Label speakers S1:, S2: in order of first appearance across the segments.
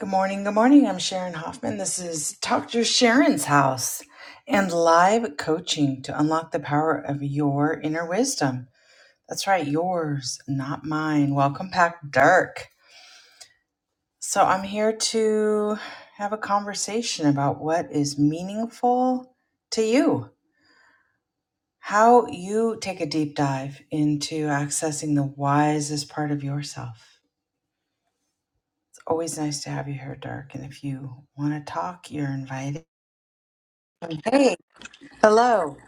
S1: Good morning. Good morning. I'm Sharon Hoffman. This is Dr. Sharon's house and live coaching to unlock the power of your inner wisdom. That's right, yours, not mine. Welcome back, Dirk. So, I'm here to have a conversation about what is meaningful to you, how you take a deep dive into accessing the wisest part of yourself. It's always nice to have you here, Dirk. And if you want to talk, you're invited. Hey. Hello.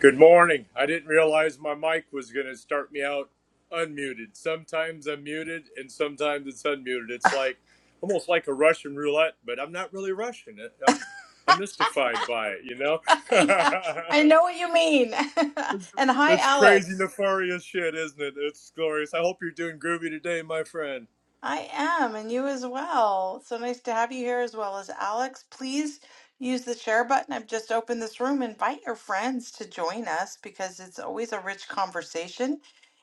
S2: Good morning. I didn't realize my mic was going to start me out unmuted. Sometimes I'm muted and sometimes it's unmuted. It's like almost like a Russian roulette, but I'm not really Russian. I'm I'm mystified by it, you know?
S1: Yeah, I know what you mean.
S2: it's,
S1: And hi,
S2: it's crazy
S1: Alex.
S2: nefarious shit, isn't it? It's glorious. I hope you're doing groovy today, my friend.
S1: I am, and you as well. So nice to have you here as well as Alex. Please use the share button. I've just opened this room. Invite your friends to join us because it's always a rich conversation.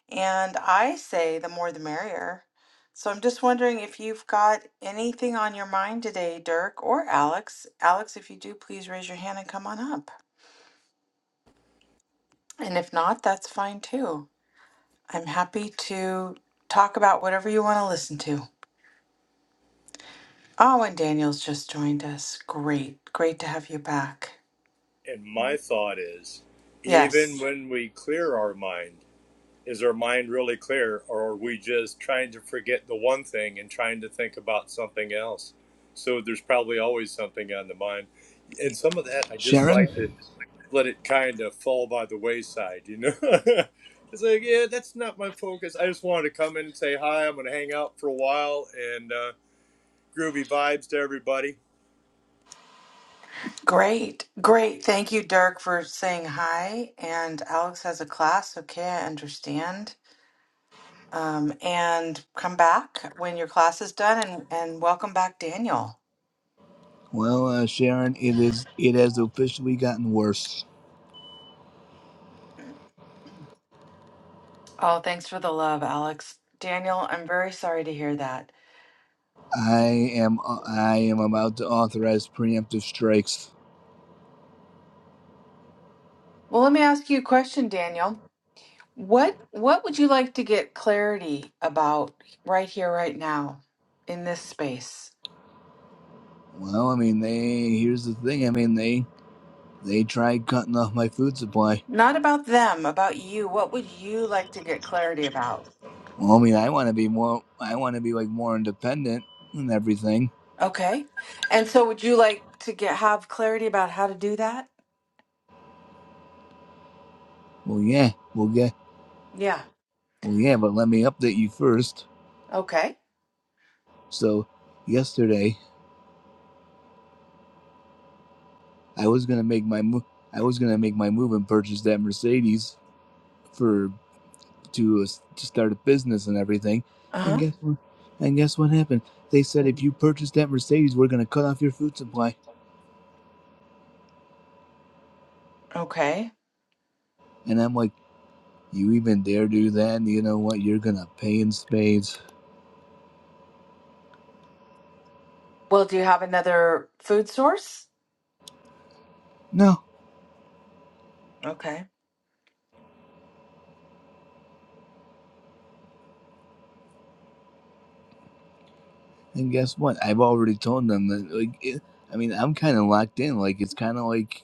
S1: And I say the more the merrier. So I'm just wondering if you've got anything on your mind today, Dirk or Alex. Alex, if you do, please raise your hand and come on up. And if not, that's fine too. I'm happy to talk about whatever you want to listen to. Oh, and Daniel's just joined us. Great. Great to have you back.
S2: And my thought is even
S1: Yes.
S2: when we clear our mind is our mind really clear or are we just trying to forget the one thing and trying to think about something else so there's probably always something on the mind and some of that i just
S3: Sharon?
S2: like to let it kind of fall by the wayside you know it's like yeah that's not my focus i just wanted to come in and say hi i'm going to hang out for a while and uh, groovy vibes to everybody
S1: Great. Great. Thank you, Dirk, for saying hi. And Alex has a class. Okay, I understand. Um, and come back when your class is done and, and welcome back, Daniel.
S3: Well, uh, Sharon, it is it has officially gotten worse.
S1: Oh, thanks for the love, Alex. Daniel, I'm very sorry to hear that.
S3: I am uh, I am about to authorize preemptive strikes.
S1: Well, let me ask you a question, Daniel. What what would you like to get clarity about right here, right now, in this space?
S3: Well, I mean, they here's the thing. I mean, they they tried cutting off my food supply.
S1: Not about them, about you. What would you like to get clarity about?
S3: Well, I mean, I want to be more. I want to be like more independent and everything.
S1: Okay. And so would you like to get have clarity about how to do that?
S3: Well, yeah, well, yeah,
S1: Yeah.
S3: well, yeah. But let me update you first.
S1: Okay.
S3: So, yesterday I was gonna make my move. I was gonna make my move and purchase that Mercedes for to to start a business and everything. And
S1: Uh-huh.
S3: guess what? And guess what happened? They said if you purchase that Mercedes, we're gonna cut off your food supply.
S1: Okay.
S3: And I'm like, you even dare do that? You know what? You're gonna pay in spades.
S1: Well, do you have another food source?
S3: No.
S1: Okay.
S3: And guess what? I've already told them that. Like, it, I mean, I'm kind of locked in. Like, it's kind of like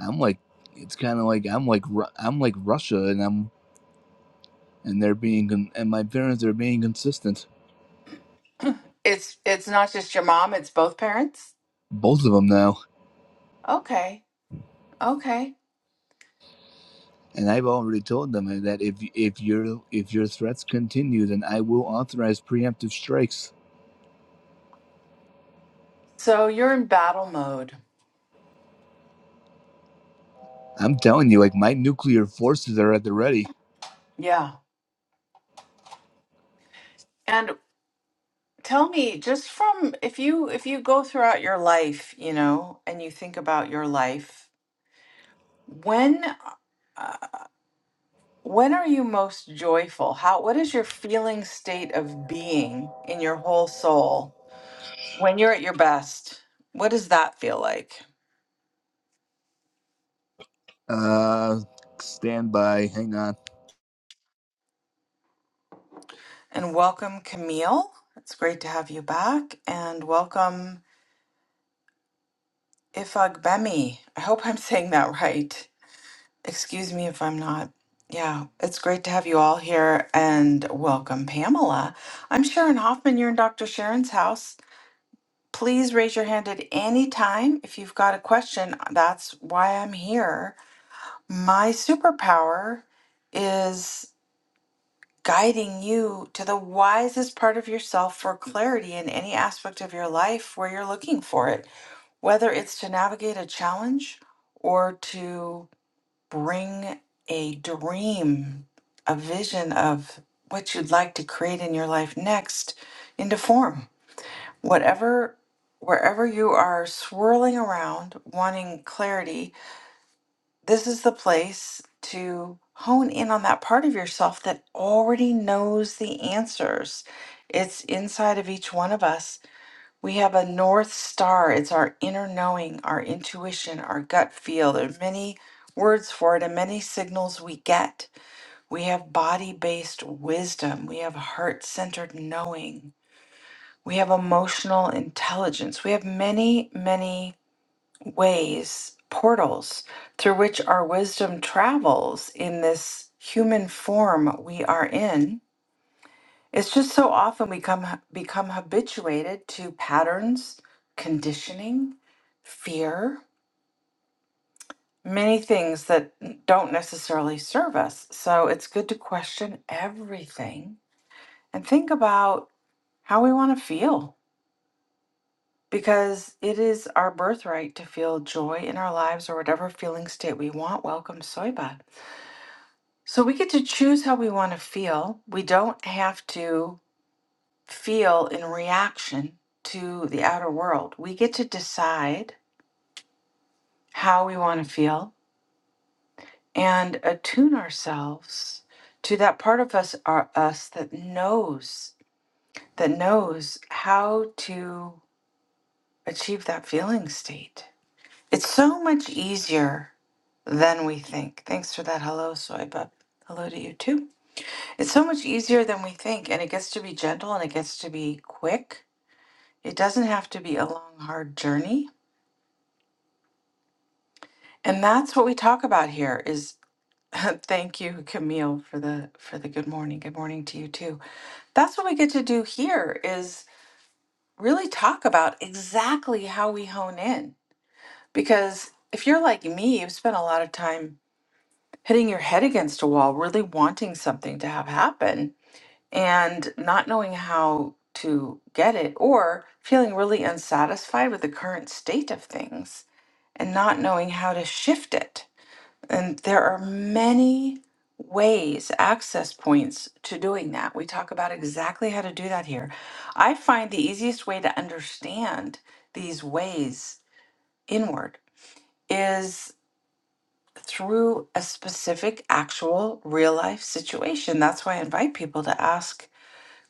S3: I'm like, it's kind of like I'm like Ru- I'm like Russia, and I'm and they're being con- and my parents are being consistent.
S1: It's it's not just your mom, it's both parents?
S3: Both of them now.
S1: Okay. Okay.
S3: And I've already told them that if if your if your threats continue, then I will authorize preemptive strikes.
S1: So you're in battle mode.
S3: I'm telling you, like my nuclear forces are at the ready.
S1: Yeah. And. Tell me, just from if you if you go throughout your life, you know, and you think about your life, when uh, when are you most joyful? How what is your feeling state of being in your whole soul when you're at your best? What does that feel like?
S3: Uh, stand by. Hang on,
S1: And welcome Camille. It's great to have you back and welcome Ifagbemi. I hope I'm saying that right. Excuse me if I'm not. Yeah, it's great to have you all here and welcome, Pamela. I'm Sharon Hoffman. You're in Dr. Sharon's house. Please raise your hand at any time if you've got a question. That's why I'm here. My superpower is guiding you to the wisest part of yourself for clarity in any aspect of your life where you're looking for it, whether it's to navigate a challenge or to bring a dream, a vision of what you'd like to create in your life next into form. Whatever, wherever you are swirling around, wanting clarity, this is the place to hone in on that part of yourself that already knows the answers. It's inside of each one of us we have a North Star. It's our inner knowing, our intuition, our gut feel. There are many words for it and many signals we get. We have body based wisdom. We have heart centered knowing. We have emotional intelligence. We have many, many ways, portals through which our wisdom travels in this human form we are in. It's just so often we come become habituated to patterns, conditioning, fear, many things that don't necessarily serve us. So it's good to question everything and think about how we want to feel because it is our birthright to feel joy in our lives or whatever feeling state we want. Welcome, Soyba. So we get to choose how we want to feel. We don't have to feel in reaction to the outer world. We get to decide how we want to feel and attune ourselves to that part of us our, us that knows that knows how to achieve that feeling state. It's so much easier than we think. Thanks for that hello, soy bub. Hello to you too. It's so much easier than we think, and it gets to be gentle and it gets to be quick. It doesn't have to be a long, hard journey And that's what we talk about here is thank you Camille for the for the good morning. Good morning to you too. That's what we get to do here is really talk about exactly how we hone in. Because if you're like me, you've spent a lot of time hitting your head against a wall, really wanting something to have happen and not knowing how to get it or feeling really unsatisfied with the current state of things and not knowing how to shift it And there are many ways, access points to doing that. We talk about exactly how to do that here. I find the easiest way to understand these ways inward is through a specific, actual, real life situation. That's why I invite people to ask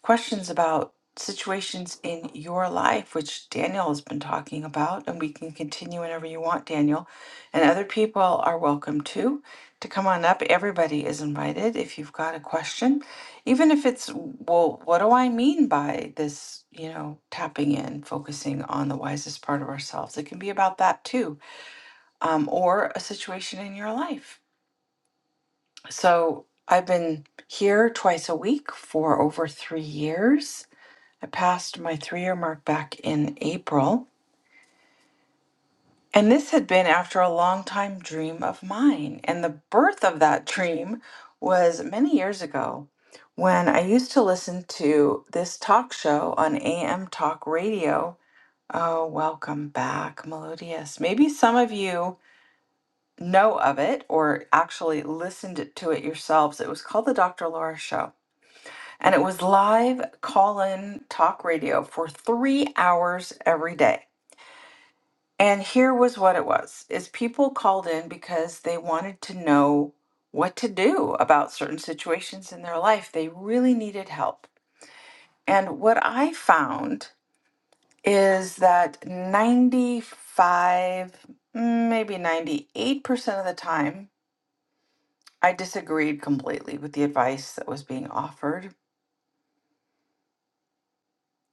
S1: questions about situations in your life, which Daniel has been talking about, and we can continue whenever you want, Daniel. And other people are welcome too to come on up. Everybody is invited if you've got a question, even if it's, well, what do I mean by this, you know, tapping in, focusing on the wisest part of ourselves? It can be about that too, um, or a situation in your life. So I've been here twice a week for over three years I passed my three year mark back in April. And this had been after a long time dream of mine. And the birth of that dream was many years ago when I used to listen to this talk show on AM Talk Radio. Oh, welcome back, Melodious. Maybe some of you know of it or actually listened to it yourselves. It was called The Dr. Laura Show. And it was live call in talk radio for three hours every day. And here was what it was is people called in because they wanted to know what to do about certain situations in their life. They really needed help. And what I found is that 95, mm, maybe 98% of the time, I disagreed completely with the advice that was being offered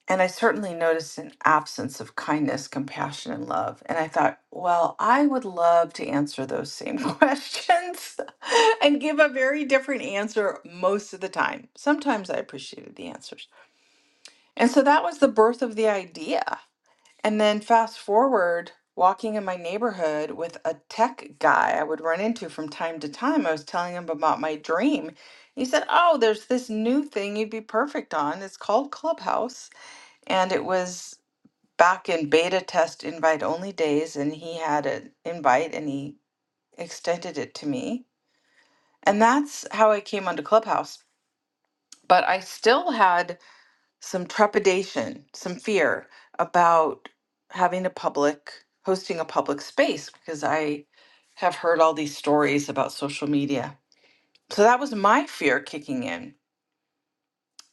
S1: And I certainly noticed an absence of kindness, compassion, and love. And I thought, well, I would love to answer those same questions and give a very different answer most of the time. Sometimes I appreciated the answers. And so that was the birth of the idea. And then fast forward, walking in my neighborhood with a tech guy I would run into from time to time, I was telling him about my dream. He said, Oh, there's this new thing you'd be perfect on. It's called Clubhouse and it was back in beta test invite only days and he had an invite and he extended it to me and that's how i came onto clubhouse but i still had some trepidation some fear about having a public hosting a public space because i have heard all these stories about social media so that was my fear kicking in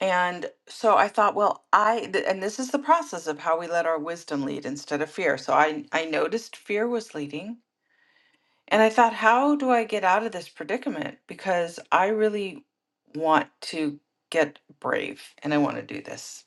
S1: and so i thought well i th- and this is the process of how we let our wisdom lead instead of fear so i i noticed fear was leading And I thought, how do I get out of this predicament? Because I really want to get brave and I want to do this.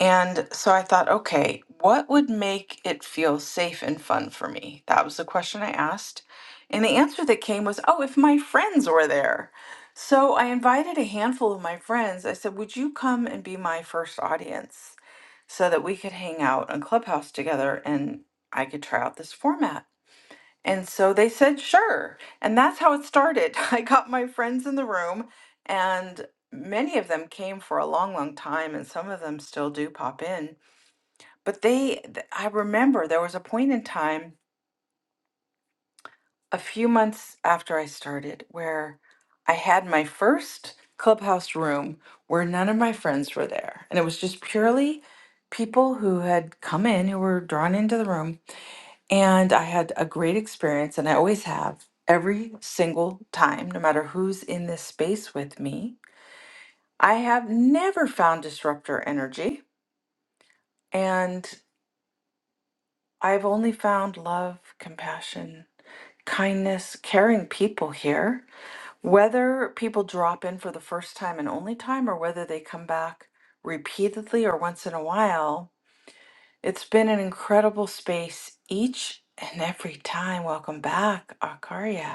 S1: And so I thought, okay, what would make it feel safe and fun for me? That was the question I asked. And the answer that came was, oh, if my friends were there. So I invited a handful of my friends. I said, would you come and be my first audience so that we could hang out on Clubhouse together and I could try out this format? And so they said, sure. And that's how it started. I got my friends in the room, and many of them came for a long, long time, and some of them still do pop in. But they, th- I remember there was a point in time a few months after I started where I had my first clubhouse room where none of my friends were there. And it was just purely people who had come in who were drawn into the room And I had a great experience, and I always have every single time, no matter who's in this space with me. I have never found disruptor energy, and I've only found love, compassion, kindness, caring people here. Whether people drop in for the first time and only time, or whether they come back repeatedly or once in a while, it's been an incredible space each and every time. Welcome back, Akaria.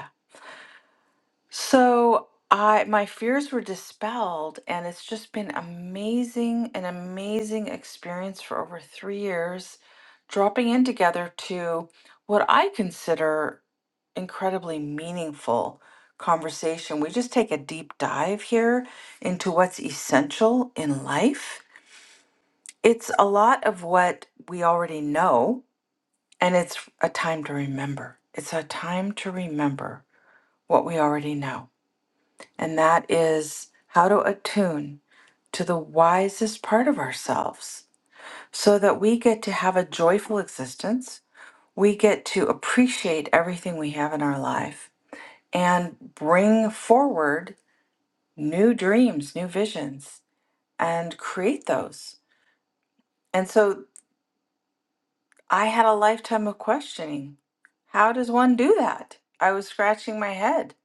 S1: So I my fears were dispelled and it's just been amazing an amazing experience for over 3 years dropping in together to what I consider incredibly meaningful conversation. We just take a deep dive here into what's essential in life. It's a lot of what we already know and it's a time to remember. It's a time to remember what we already know and that is how to attune to the wisest part of ourselves so that we get to have a joyful existence. We get to appreciate everything we have in our life and bring forward new dreams, new visions, and create those. And so I had a lifetime of questioning. How does one do that? I was scratching my head.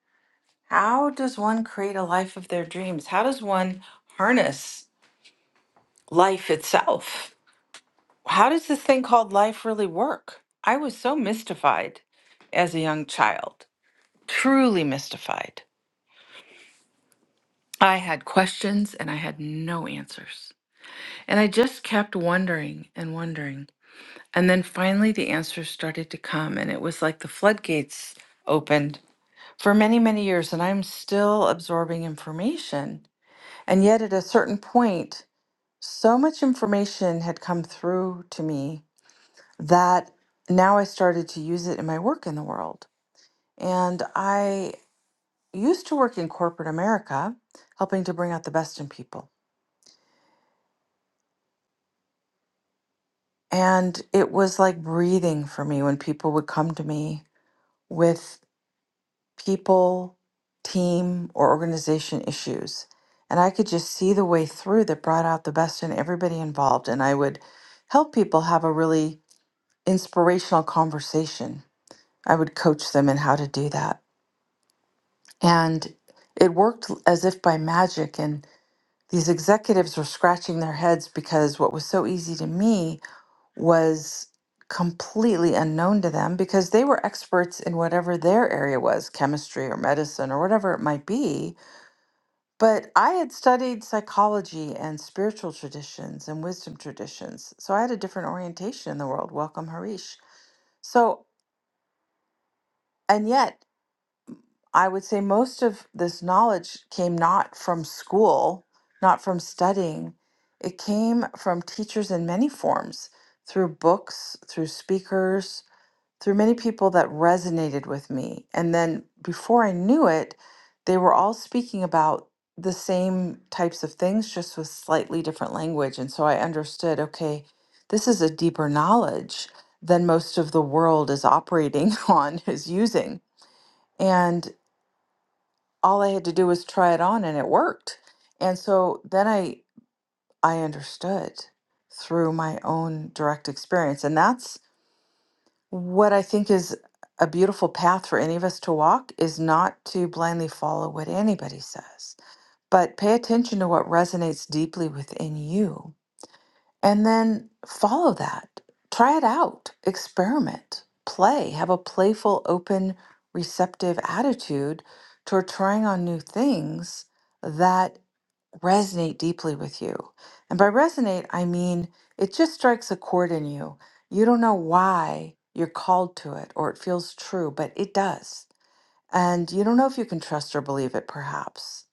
S1: How does one create a life of their dreams? How does one harness? life itself. How does this thing called life really work? I was so mystified as a young child, truly mystified. I had questions and I had no answers. And I just kept wondering and wondering. And then finally, the answers started to come, and it was like the floodgates opened for many, many years. And I'm still absorbing information. And yet, at a certain point, so much information had come through to me that now I started to use it in my work in the world. And I used to work in corporate America, helping to bring out the best in people. And it was like breathing for me when people would come to me with people, team, or organization issues. And I could just see the way through that brought out the best in everybody involved. And I would help people have a really inspirational conversation. I would coach them in how to do that. And it worked as if by magic. And these executives were scratching their heads because what was so easy to me was completely unknown to them because they were experts in whatever their area was chemistry or medicine or whatever it might be. But I had studied psychology and spiritual traditions and wisdom traditions. So I had a different orientation in the world. Welcome, Harish. So, and yet I would say most of this knowledge came not from school, not from studying. It came from teachers in many forms, through books, through speakers, through many people that resonated with me. And then before I knew it, they were all speaking about the same types of things, just with slightly different language. And so I understood okay, this is a deeper knowledge than most of the world is operating on, is using. and all I had to do was try it on and it worked. And so then I I understood through my own direct experience. And that's what I think is a beautiful path for any of us to walk is not to blindly follow what anybody says, but pay attention to what resonates deeply within you and then follow that. Try it out, experiment, play, have a playful, open, receptive attitude toward trying on new things that resonate deeply with you. And by resonate, I mean it just strikes a chord in you. You don't know why you're called to it or it feels true, but it does. And you don't know if you can trust or believe it, perhaps.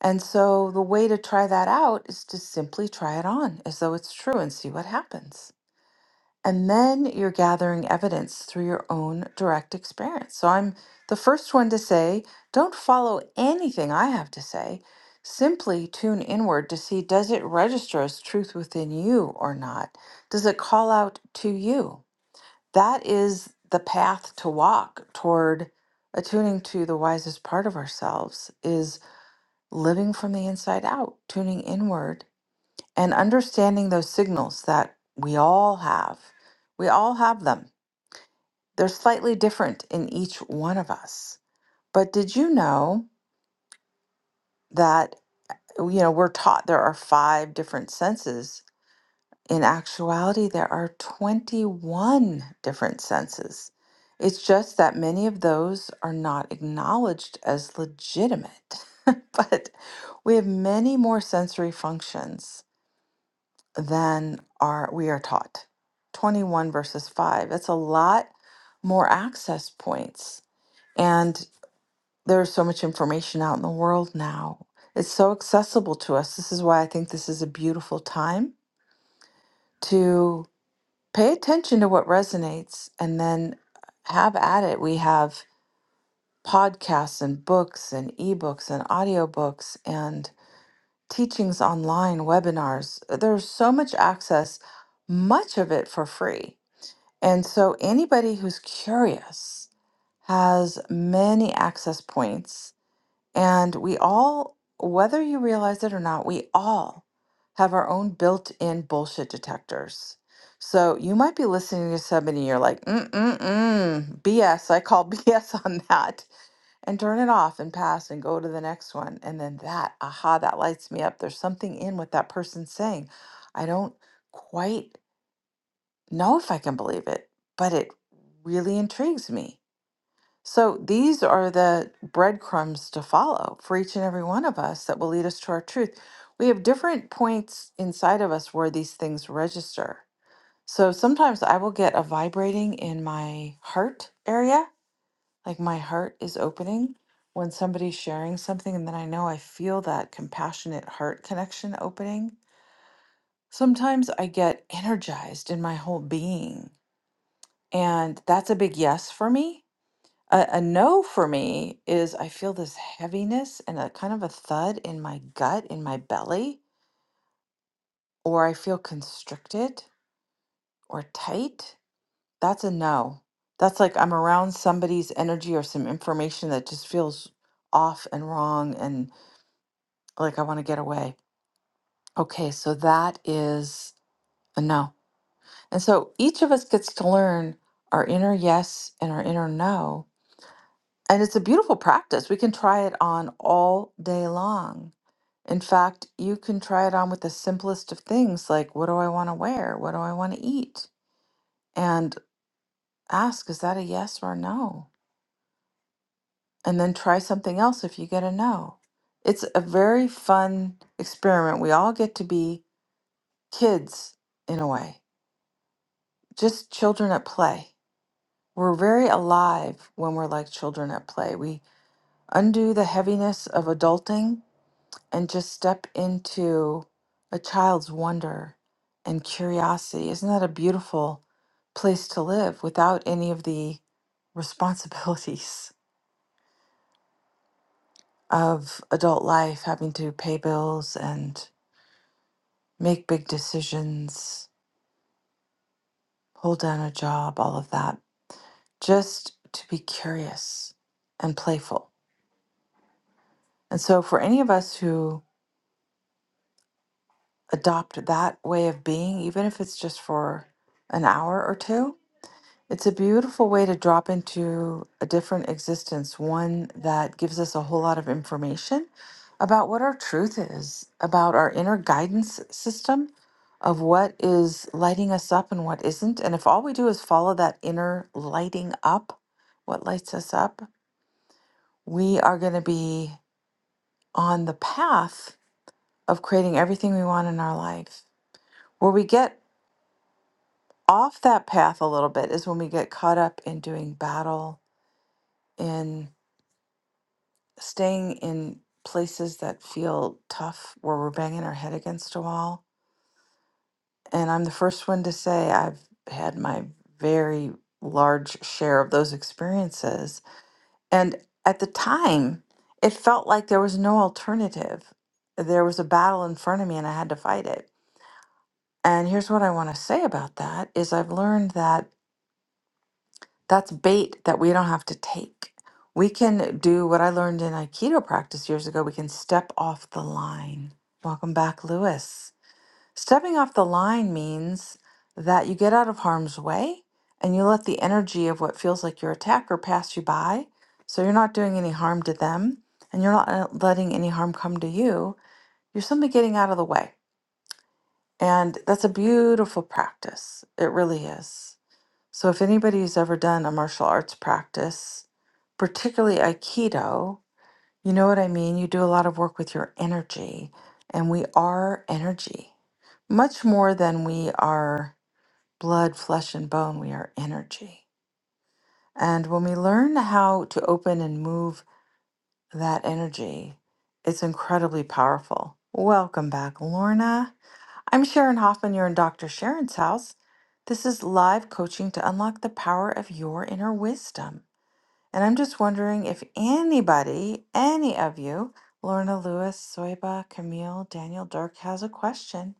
S1: And so the way to try that out is to simply try it on as though it's true and see what happens. And then you're gathering evidence through your own direct experience. So I'm the first one to say don't follow anything I have to say. Simply tune inward to see does it register as truth within you or not? Does it call out to you? That is the path to walk toward attuning to the wisest part of ourselves is living from the inside out, tuning inward and understanding those signals that we all have. We all have them. They're slightly different in each one of us. But did you know that you know we're taught there are five different senses. In actuality, there are 21 different senses. It's just that many of those are not acknowledged as legitimate. but we have many more sensory functions than are we are taught. 21 verses 5. It's a lot more access points. And there's so much information out in the world now. It's so accessible to us. This is why I think this is a beautiful time to pay attention to what resonates and then have at it. We have podcasts and books and ebooks and audiobooks and teachings online, webinars. There's so much access, much of it for free And so anybody who's curious has many access points. And we all, whether you realize it or not, we all have our own built in bullshit detectors. So you might be listening to somebody and you're like, mm, mm, mm, BS. I call BS on that. And turn it off and pass and go to the next one. And then that, aha, that lights me up. There's something in what that person's saying. I don't quite know if I can believe it, but it really intrigues me. So these are the breadcrumbs to follow for each and every one of us that will lead us to our truth. We have different points inside of us where these things register. So sometimes I will get a vibrating in my heart area, like my heart is opening when somebody's sharing something, and then I know I feel that compassionate heart connection opening. Sometimes I get energized in my whole being And that's a big yes for me. A, a no for me is I feel this heaviness and a kind of a thud in my gut, in my belly, or I feel constricted or tight. That's a no. That's like I'm around somebody's energy or some information that just feels off and wrong and like I want to get away. Okay, so that is a no. And so each of us gets to learn our inner yes and our inner no And it's a beautiful practice. We can try it on all day long. In fact, you can try it on with the simplest of things like, what do I want to wear? What do I want to eat? And ask, is that a yes or a no? And then try something else if you get a no. It's a very fun experiment. We all get to be kids in a way, just children at play. We're very alive when we're like children at play. We undo the heaviness of adulting and just step into a child's wonder and curiosity. Isn't that a beautiful place to live without any of the responsibilities of adult life, having to pay bills and make big decisions, hold down a job, all of that? Just to be curious and playful. And so, for any of us who adopt that way of being, even if it's just for an hour or two, It's a beautiful way to drop into a different existence, one that gives us a whole lot of information about what our truth is, about our inner guidance system of what is lighting us up and what isn't. And if all we do is follow that inner lighting up, what lights us up, we are going to be on the path of creating everything we want in our life. Where we get off that path a little bit is when we get caught up in doing battle in staying in places that feel tough where we're banging our head against a wall. And I'm the first one to say I've had my very large share of those experiences. And at the time, it felt like there was no alternative. There was a battle in front of me and I had to fight it. And here's what I want to say about that is I've learned that That's bait that we don't have to take. We can do what I learned in Aikido practice years ago. We can step off the line. Welcome back, Lewis. Stepping off the line means that you get out of harm's way and you let the energy of what feels like your attacker pass you by. So you're not doing any harm to them and you're not uh, letting any harm come to you. You're simply getting out of the way. And that's a beautiful practice. It really is. So, if anybody's ever done a martial arts practice, particularly Aikido, you know what I mean? You do a lot of work with your energy, and we are energy. Much more than we are blood, flesh, and bone, we are energy. And when we learn how to open and move that energy, it's incredibly powerful. Welcome back, Lorna. I'm Sharon Hoffman. You're in Dr. Sharon's house. This is live coaching to unlock the power of your inner wisdom. And I'm just wondering if anybody, any of you, Lorna Lewis, Soyba, Camille, Daniel Dirk has a question.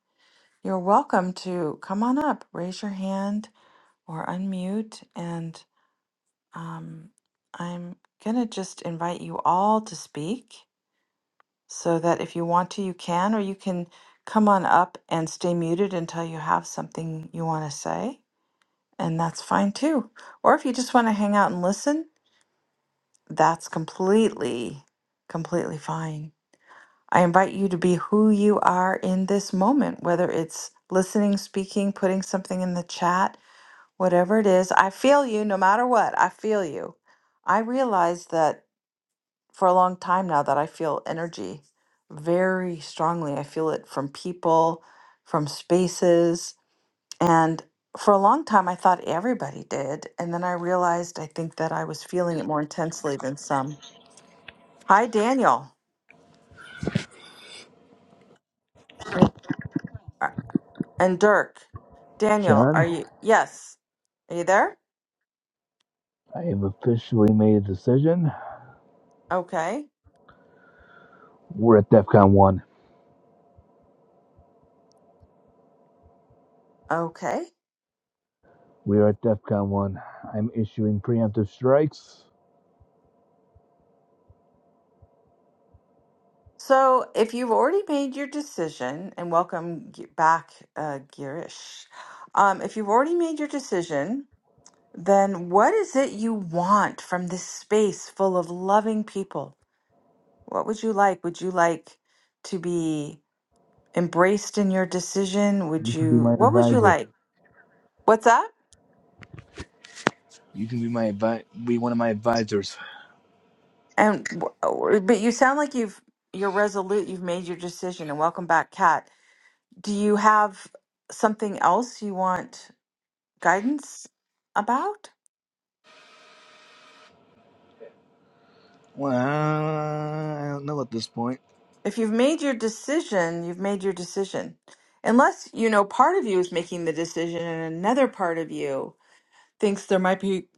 S1: You're welcome to come on up, raise your hand or unmute. And um, I'm going to just invite you all to speak so that if you want to, you can, or you can come on up and stay muted until you have something you want to say, and that's fine too. Or if you just want to hang out and listen, that's completely, completely fine. I invite you to be who you are in this moment, whether it's listening, speaking, putting something in the chat, whatever it is. I feel you no matter what. I feel you. I realize that for a long time now that I feel energy very strongly. I feel it from people, from spaces. And for a long time, I thought everybody did. And then I realized I think that I was feeling it more intensely than some. Hi, Daniel Yep. Uh, and Dirk. Daniel, are
S3: Sharon.
S1: you? Yes. Are you there?
S3: I have officially made a decision.
S1: Okay.
S3: We're at DEFCON one.
S1: Okay.
S3: We are at DEFCON one. I'm issuing preemptive strikes.
S1: So if you've already made your decision, and welcome g- back, uh, Girish. Um, if you've already made your decision, then what is it you want from this space full of loving people? What would you like? Would you like to be embraced in your decision? Would
S3: You can be
S1: you,
S3: my
S1: what would you
S3: advisor.
S1: like? What's up?
S3: You can be my advi- be one of my advisors.
S1: And, wh- but you sound like you've, you're resolute, you've made your decision, and welcome back, Kat. Do you have something else you want guidance about?
S3: Well, I don't know at this point.
S1: If you've made your decision, you've made your decision. Unless, you know, part of you is making the decision and another part of you thinks there might be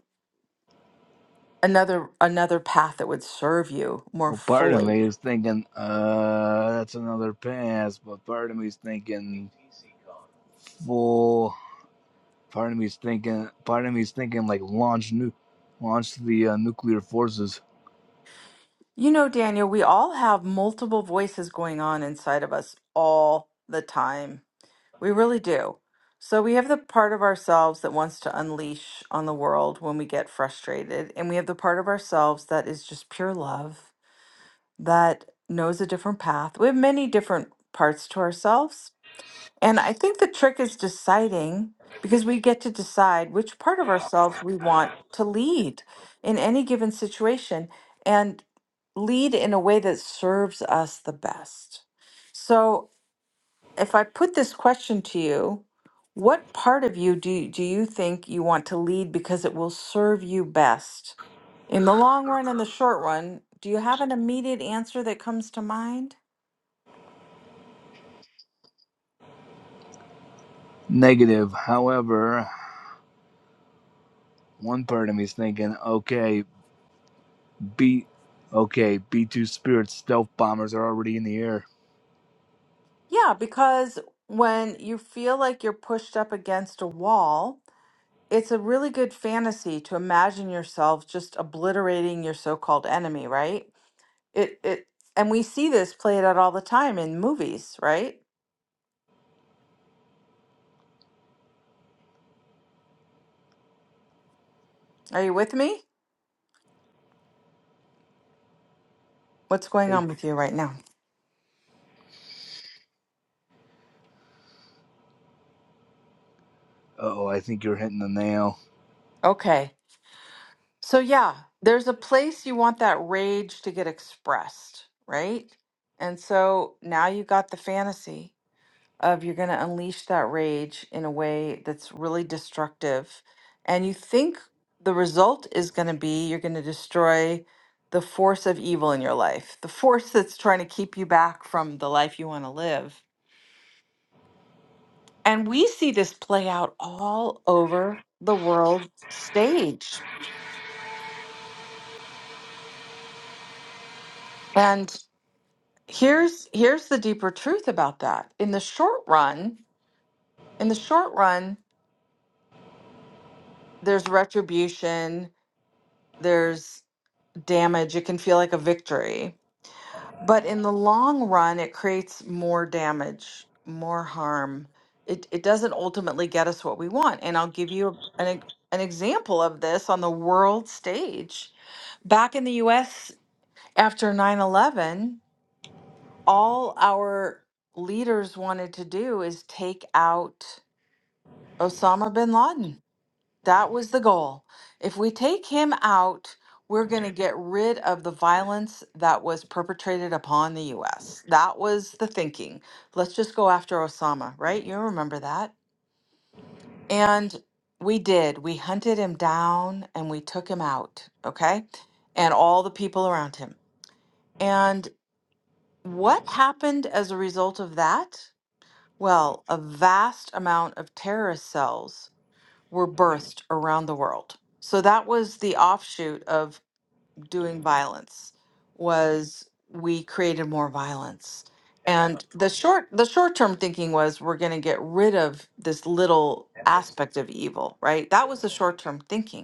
S1: another another path that would serve you more
S3: Well, part of
S1: fully.
S3: me is thinking, uh, that's another pass, but part of me is thinking full. Part of me is thinking, part of me is thinking like launch new, launch the uh, nuclear forces.
S1: You know, Daniel, we all have multiple voices going on inside of us all the time. We really do. So we have the part of ourselves that wants to unleash on the world when we get frustrated, and we have the part of ourselves that is just pure love that knows a different path. We have many different parts to ourselves And I think the trick is deciding because we get to decide which part of ourselves we want to lead in any given situation and lead in a way that serves us the best. So, if I put this question to you, what part of you do, do you think you want to lead because it will serve you best? In the long run and the short run, do you have an immediate answer that comes to mind?
S3: Negative. However, one part of me is thinking, okay, B, okay, B two Spirit stealth bombers are already in the air.
S1: Yeah, because when you feel like you're pushed up against a wall, it's a really good fantasy to imagine yourself just obliterating your so-called enemy, right? It it and we see this played out all the time in movies, right? Are you with me? What's going
S3: They-
S1: on with you right now?
S3: Oh, I think you're hitting the nail.
S1: Okay. So yeah, there's a place you want that rage to get expressed, right? And so now you got the fantasy. of you're going to unleash that rage in a way that's really destructive. And you think the result is going to be you're going to destroy the force of evil in your life, the force that's trying to keep you back from the life you want to live. And we see this play out all over the world stage. And here's here's the deeper truth about that. In the short run, in the short run, there's retribution, There's damage, it can feel like a victory. But in the long run, it creates more damage, more harm. It, it doesn't ultimately get us what we want. And I'll give you an, ex- an example of this on the world stage. Back in the US after 9 11, all our leaders wanted to do is take out Osama bin Laden that was the goal. If we take him out, we're going to get rid of the violence that was perpetrated upon the US. That was the thinking. Let's just go after Osama, right? You remember that. And we did. We hunted him down and we took him out, okay? And all the people around him. And what happened as a result of that? Well, a vast amount of terrorist cells were birthed around the world. So that was the offshoot of doing violence was we created more violence. And the short the short-term thinking was we're going to get rid of this little aspect of evil, right? That was the short-term thinking.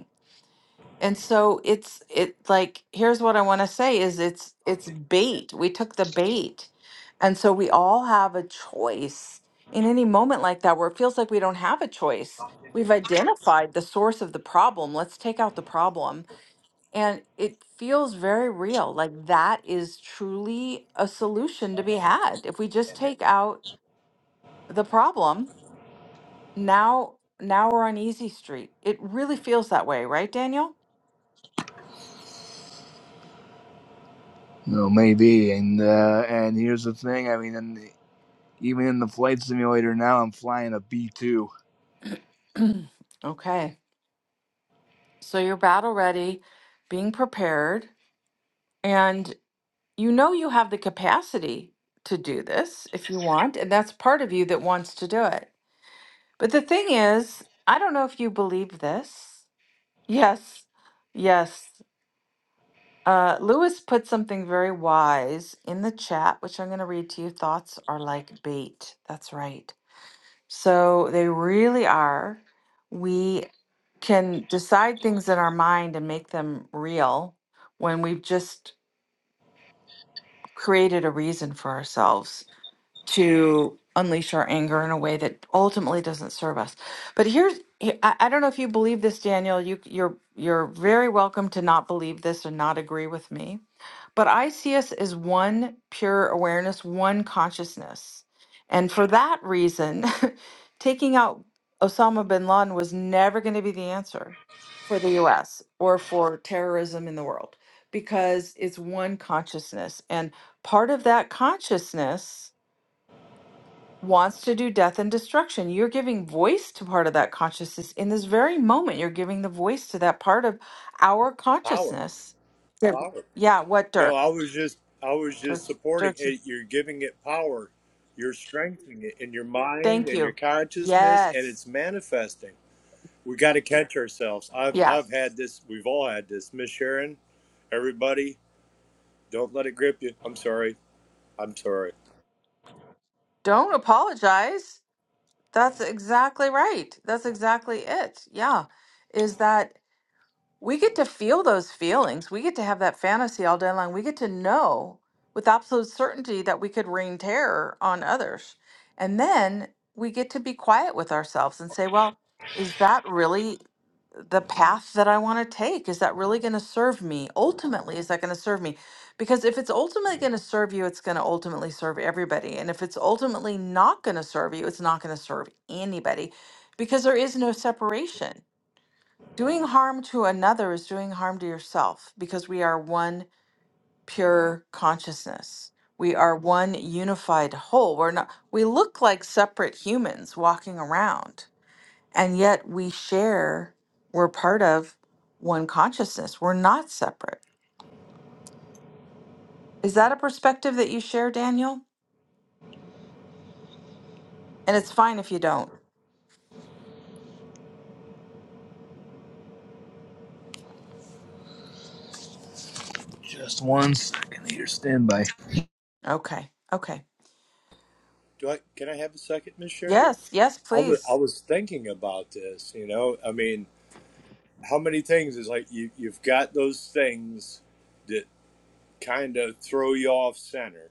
S1: And so it's it like here's what I want to say is it's it's bait. We took the bait. And so we all have a choice in any moment like that where it feels like we don't have a choice. We've identified the source of the problem. Let's take out the problem. And it feels very real. Like that is truly a solution to be had. If we just take out the problem, now now we're on easy street. It really feels that way, right, Daniel?
S3: No, maybe. And uh, and here's the thing. I mean, in the, even in the flight simulator now, I'm flying a B two.
S1: okay. So you're battle ready, being prepared, and you know you have the capacity to do this if you want, and that's part of you that wants to do it. But the thing is, I don't know if you believe this. Yes, yes. Uh, Lewis put something very wise in the chat, which I'm going to read to you. Thoughts are like bait. That's right. So they really are. We can decide things in our mind and make them real when we've just created a reason for ourselves to unleash our anger in a way that ultimately doesn't serve us. But here's he- I I don't know if you believe this, Daniel. You you're you're very welcome to not believe this or not agree with me. But I see us as one pure awareness, one consciousness. And for that reason, taking out Osama bin Laden was never going to be the answer for the US or for terrorism in the world because it's one consciousness. And part of that consciousness wants to do death and destruction. You're giving voice to part of that consciousness in this very moment. You're giving the voice to that part of our
S2: power
S1: consciousness. Yeah,
S2: power
S1: yeah what Dirk?
S2: No, I was just I was
S1: Dirk,
S2: just supporting
S1: Dirk,
S2: it. You're giving it power. You're strengthening it in your mind
S1: thank
S2: and your
S1: you.
S2: consciousness and
S1: Yes.
S2: it's manifesting. We got to catch ourselves. I've
S1: Yeah.
S2: I've had this. We've all had this. Miss Sharon, everybody, don't let it grip you. I'm sorry. I'm sorry.
S1: Don't apologize. That's exactly right. That's exactly it. Yeah. Is that we get to feel those feelings. We get to have that fantasy all day long. We get to know with absolute certainty that we could rain terror on others. And then we get to be quiet with ourselves and say, well, is that really the path that I want to take? Is that really going to serve me? Ultimately, is that going to serve me? Because if it's ultimately going to serve you, it's going to ultimately serve everybody. And if it's ultimately not going to serve you, it's not going to serve anybody because there is no separation Doing harm to another is doing harm to yourself because we are one pure consciousness. We are one unified whole. We're not we look like separate humans walking around, and yet we share, we're part of one consciousness. We're not separate. Is that a perspective that you share, Daniel? And it's fine if you don't.
S3: Just one second here. Stand by.
S1: Okay. Okay.
S2: Do I can I have a second, Miss Sharon?
S1: Yes, yes,
S2: I was I
S1: please.
S2: was thinking about this, you know. I mean, how many things is like you you've got those things that kind of throw you off center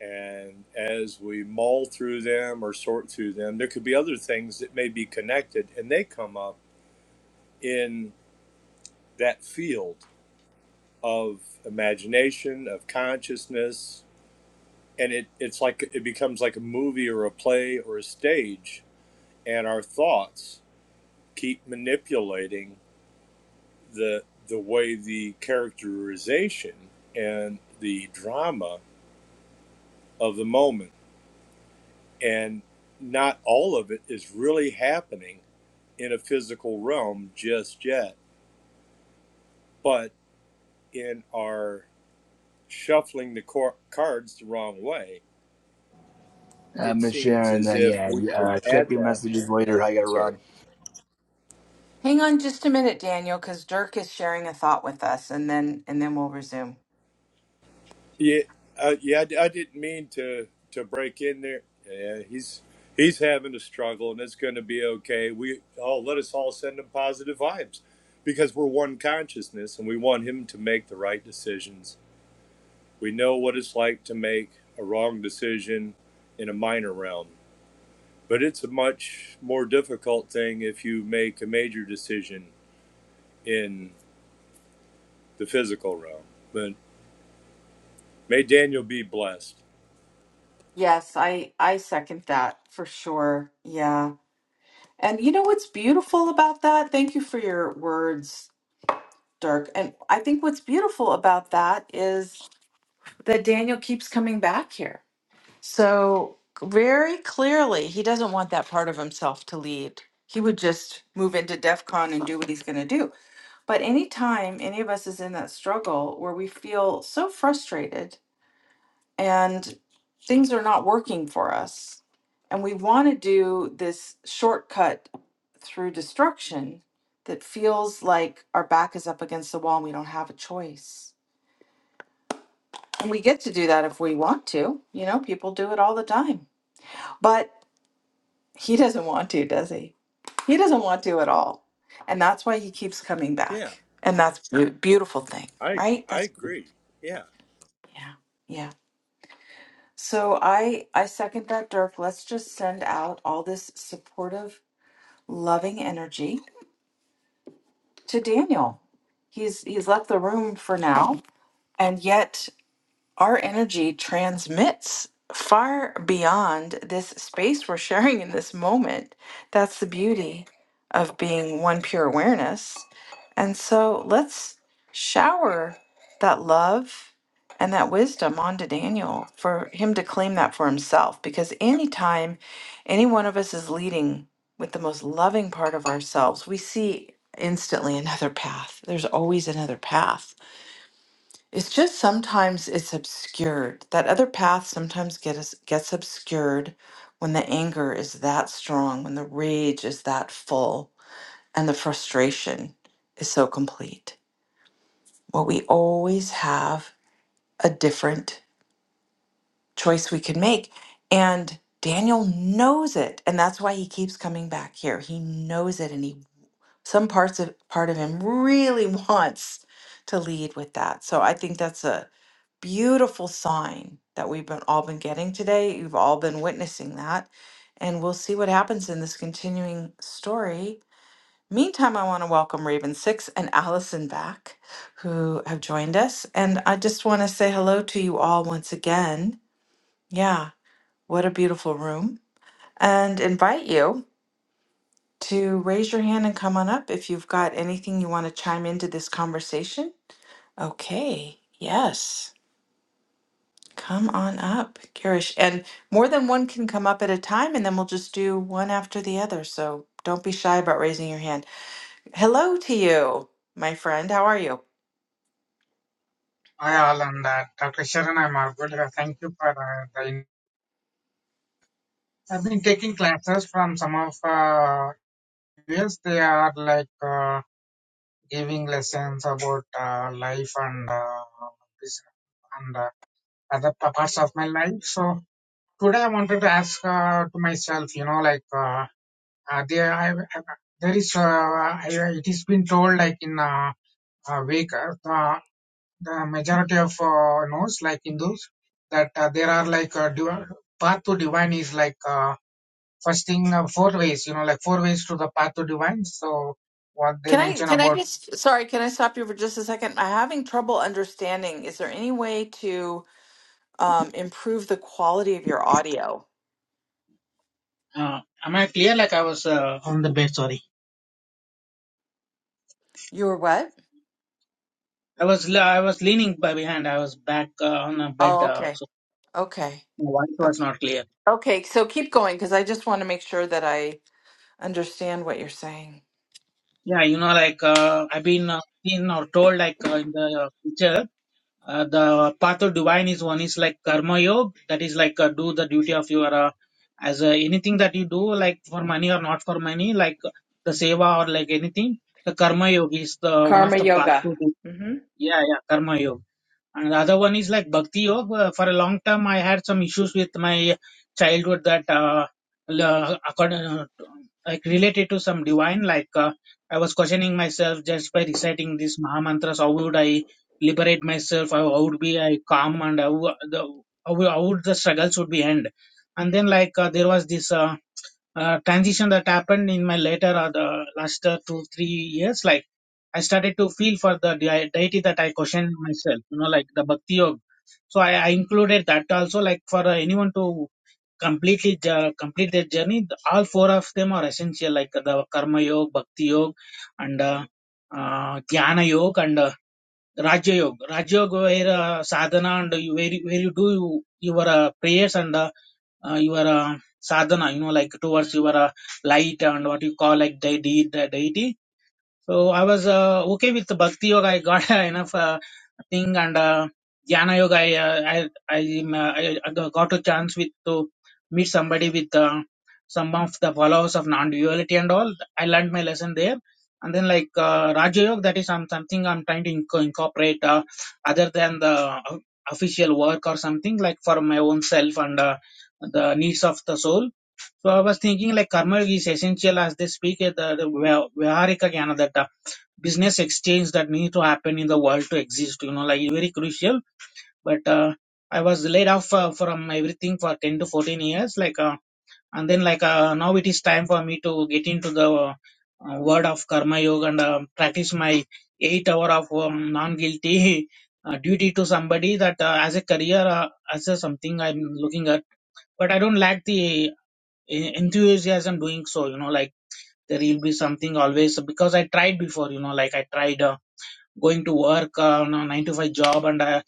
S2: And as we mull through them or sort through them, there could be other things that may be connected and they come up in that field of imagination, of consciousness. And it, it's like it becomes like a movie or a play or a stage. And our thoughts keep manipulating the, the way the characterization and the drama of the moment. And not all of it is really happening in a physical realm just yet. But in our shuffling the cor- cards the wrong way,
S3: Uh,
S2: it
S3: Miss
S2: seems
S3: Sharon, uh,
S2: as if
S3: yeah,
S2: we could
S3: uh, check
S2: add
S3: your
S2: that.
S3: messages later. I
S2: I'm
S3: gotta
S2: sorry.
S3: run.
S1: Hang on just a minute, Daniel, because Dirk is sharing a thought with us and then and then we'll resume.
S2: Yeah, uh, yeah. I d- I didn't mean to to break in there. Yeah, he's he's having a struggle, and it's going to be okay. We oh, let us all send him positive vibes because we're one consciousness, and we want him to make the right decisions. We know what it's like to make a wrong decision in a minor realm But it's a much more difficult thing if you make a major decision in the physical realm. But may Daniel be blessed.
S1: Yes, I I second that for sure. Yeah. And you know what's beautiful about that? Thank you for your words, Dirk. And I think what's beautiful about that is that Daniel keeps coming back here. So very clearly, he doesn't want that part of himself to lead. He would just move into DEF CON and do what he's going to do. But anytime any of us is in that struggle where we feel so frustrated and things are not working for us. And we want to do this shortcut through destruction that feels like our back is up against the wall and we don't have a choice. And we get to do that if we want to. You know, people do it all the time. But he doesn't want to, does he? He doesn't want to at all. And that's why he keeps coming
S2: Yeah,
S1: back. And that's a beautiful thing,
S2: I
S1: right?
S2: I
S1: That's,
S2: agree. Yeah.
S1: yeah, yeah. So I I second that, Dirk. Let's just send out all this supportive, loving energy to Daniel. He's he's left the room for now, and yet our energy transmits far beyond this space we're sharing in this moment. That's the beauty of being one pure awareness. And so let's shower that love and that wisdom onto Daniel for him to claim that for himself. Because anytime any one of us is leading with the most loving part of ourselves, we see instantly another path. There's always another path. It's just sometimes it's obscured. That other path sometimes gets gets obscured when the anger is that strong, when the rage is that full, and the frustration is so complete. Well, we always have a different choice we can make, and Daniel knows it, and that's why he keeps coming back here. He knows it, and he some parts of part of him really wants to lead with that. So I think that's a beautiful sign that we've been all been getting today. You've all been witnessing that. And we'll see what happens in this continuing story. Meantime, I want to welcome Raven Six and Allison back, who have joined us. And I just want to say hello to you all once again. Yeah, what a beautiful room. And invite you to raise your hand and come on up if you've got anything you want to chime into this conversation. Okay, yes. Come on up, Girish. And more than one can come up at a time, and then we'll just do one after the other. So don't be shy about raising your hand. Hello to you, my friend. How are you?
S4: Hi all and uh, Dr. Sharon, I'm all good. Uh, Thank you for uh, the. in- I've been taking classes from some of uh, yes, they are like uh, giving lessons about uh, life and uh, this and uh, other pa- parts of my life. So today I wanted to ask uh, to myself, you know, like uh, uh, there, I, I, there is uh, I, it is been told like in uh, uh, Vedic, the majority of uh, knows like Hindus that uh, there are like uh, div- path to divine is like uh, first thing uh, four ways you know like four ways to the path to divine so what they
S1: Can I
S4: mention
S1: can I
S4: about
S1: just sorry, can I stop you for just a second? I'm having trouble understanding. Is there any way to um, improve the quality of your audio?
S4: uh, am I clear like I was uh, on the bed sorry
S1: Your what?
S4: I was le- I was leaning by behind I was back uh, on the bed
S1: Oh,
S4: uh,
S1: okay.
S4: so
S1: Okay.
S4: my voice
S1: Okay.
S4: was not clear
S1: Okay, so keep going because I just want to make sure that I understand what you're saying.
S4: yeah you know like uh, I've been uh, seen or told like uh, in the picture Uh, the path of divine is one is like karma yoga, that is like uh, do the duty of your uh, as uh, anything that you do, like for money or not for money, like the seva or like anything. The karma yoga is the one
S1: Karma
S4: of the path
S1: yoga.
S4: to do. Yeah, yeah, karma yoga. And the other one is like Bhakti Yoga. For a long time, I had some issues with my childhood that, uh, l- uh, accord- uh, like related to some divine, like, uh, I was questioning myself just by reciting these Maha mantras. How would I liberate myself? How, how would be I calm and how, the, how, how would the struggles would be end? And then like, uh, there was this, uh, uh, transition that happened in my later or the last uh, two three years like i started to feel for the dei- deity that i questioned myself you know like the bhakti yoga so i, I included that also like for uh, anyone to completely uh, complete their journey the- all four of them are essential like the karma yoga bhakti yoga and uh, uh, jnana yoga and uh, raja yoga raja yoga where uh, sadhana and you, where, you- where you do you, your uh, prayers and uh, uh, your uh, sadhana, you know, like towards your uh, light and what you call like the de- the deity. So I was uh, okay with the bhakti yoga. I got enough uh, thing and uh, jnana yoga. I uh, I I, um, uh, I I got a chance with to meet somebody with uh, some of the followers of non-duality and all. I learned my lesson there. And then like uh, Raja Yoga, that is some, something I'm trying to inco- incorporate uh, other than the o- official work or something like for my own self and uh, the needs of the soul. So I was thinking like karma yoga is essential as they speak at the, the Vya- Vyaharika Jnana business exchange that need to happen in the world to exist you know like very crucial but uh, i was laid off uh, from everything for 10 to 14 years like uh, and then like uh, now it is time for me to get into the uh, uh, word of karma yoga and uh, practice my 8 hour of um, non guilty uh, duty to somebody that uh, as a career uh, as a something i'm looking at but i don't lack the en- enthusiasm doing so you know like there will be something always because i tried before you know like i tried uh, going to work uh, on a nine to five job and uh,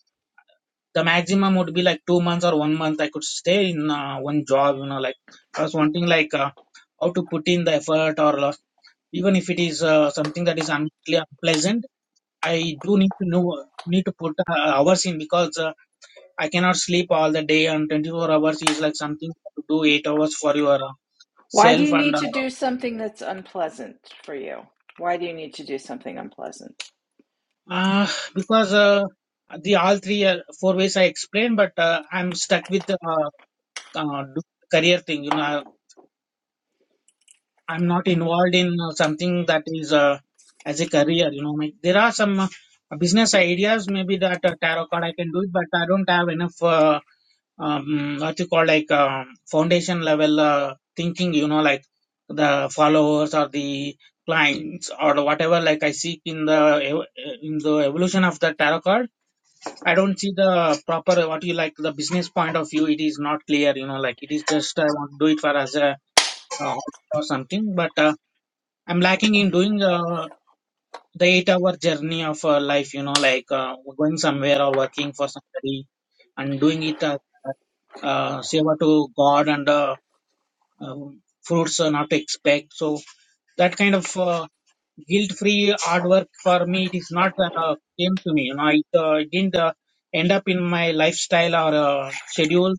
S4: the maximum would be like two months or one month I could stay in uh, one job, you know, like I was wanting like uh, how to put in the effort or uh, even if it is uh, something that is unple- unpleasant, I do need to know, need to put uh, hours in because uh, I cannot sleep all the day and 24 hours is like something to do eight hours for your uh,
S1: Why do
S4: self
S1: you
S4: and
S1: need
S4: uh,
S1: to do something that's unpleasant for you? Why do you need to do something unpleasant?
S4: uh, because uh, the all three uh, four ways I explained, but uh, I'm stuck with. Uh, uh, do- career thing you know I, i'm not involved in uh, something that is uh, as a career you know like there are some uh, business ideas maybe that uh, tarot card i can do it but i don't have enough uh, um, what you call like uh, foundation level uh, thinking you know like the followers or the clients or whatever like i seek in the ev- in the evolution of the tarot card i don't see the proper what you like the business point of view it is not clear you know like it is just i want to do it for us uh, or something but uh, i'm lacking in doing uh, the eight hour journey of uh, life you know like uh, going somewhere or working for somebody and doing it uh, uh, seva to god and uh, um, fruits uh, not to expect so that kind of uh, guilt free hard work for me it is not uh, came to me you know it uh, didn't uh, end up in my lifestyle or uh, schedule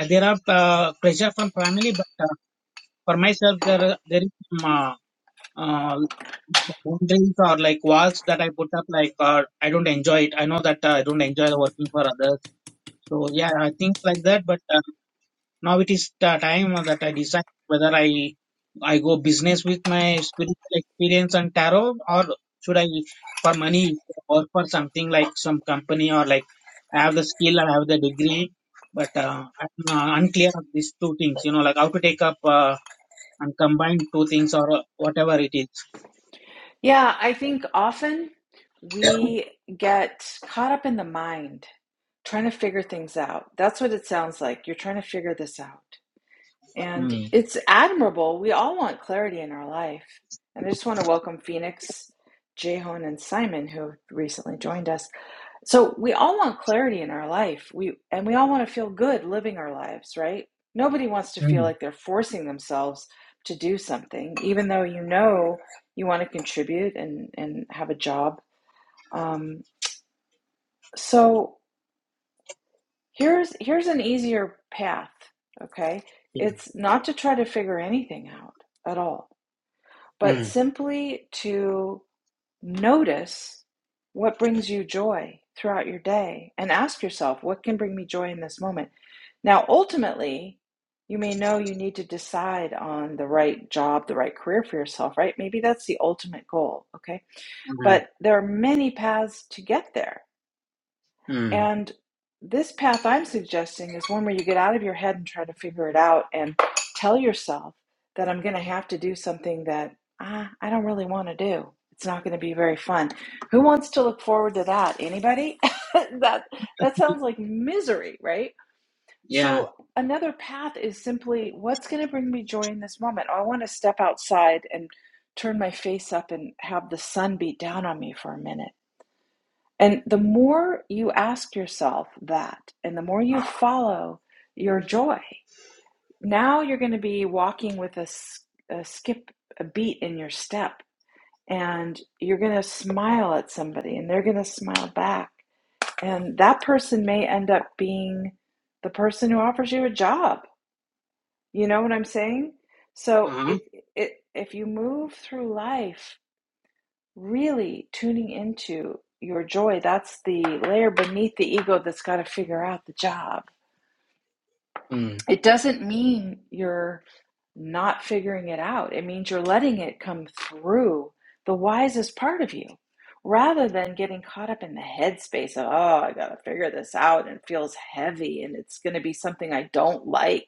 S4: Uh, there are uh, pressure from family but uh, for myself there there is some Uh, uh, boundaries or like walls that I put up, like uh, I don't enjoy it. I know that uh, I don't enjoy working for others. So yeah, I think like that. But uh, now it is the time that I decide whether I I go business with my spiritual experience and tarot, or should I for money or for something like some company or like I have the skill, I have the degree. But uh, I'm uh, unclear of these two things, you know, like how to take up uh, and combine two things or uh, whatever it is.
S1: Yeah, I think often we get caught up in the mind trying to figure things out. That's what it sounds like. You're trying to figure this out. And it's admirable. We all want clarity in our life. And I just want to welcome Phoenix, Jehon, and Simon, who recently joined us. So we all want clarity in our life. We and we all want to feel good living our lives, right? Nobody wants to feel
S4: Mm.
S1: like they're forcing themselves to do something, even though you know you want to contribute and, and have a job. Um, so here's here's an easier path, okay?
S4: Yeah.
S1: It's not to try to figure anything out at all but
S4: Mm.
S1: simply to notice what brings you joy throughout your day and ask yourself, what can bring me joy in this moment? Now, ultimately, you may know you need to decide on the right job, the right career for yourself, right? Maybe that's the ultimate goal, okay?
S4: Mm.
S1: But there are many paths to get there.
S4: Mm.
S1: And this path I'm suggesting is one where you get out of your head and try to figure it out and tell yourself that I'm going to have to do something that ah, I don't really want to do. It's not going to be very fun. Who wants to look forward to that? Anybody? that that sounds like misery, right?
S4: Yeah.
S1: So another path is simply what's going to bring me joy in this moment. I want to step outside and turn my face up and have the sun beat down on me for a minute and the more you ask yourself that, and the more you follow your joy, now you're going to be walking with a a skip, a beat in your step, and you're going to smile at somebody, and they're going to smile back. And that person may end up being the person who offers you a job. You know what I'm saying? So
S4: Uh-huh.
S1: it, it, if you move through life really tuning into your joy. That's the layer beneath the ego that's got to figure out the job.
S4: Mm.
S1: It doesn't mean you're not figuring it out, it means you're letting it come through the wisest part of you rather than getting caught up in the headspace of, oh, I got to figure this out and it feels heavy and it's going to be something I don't like.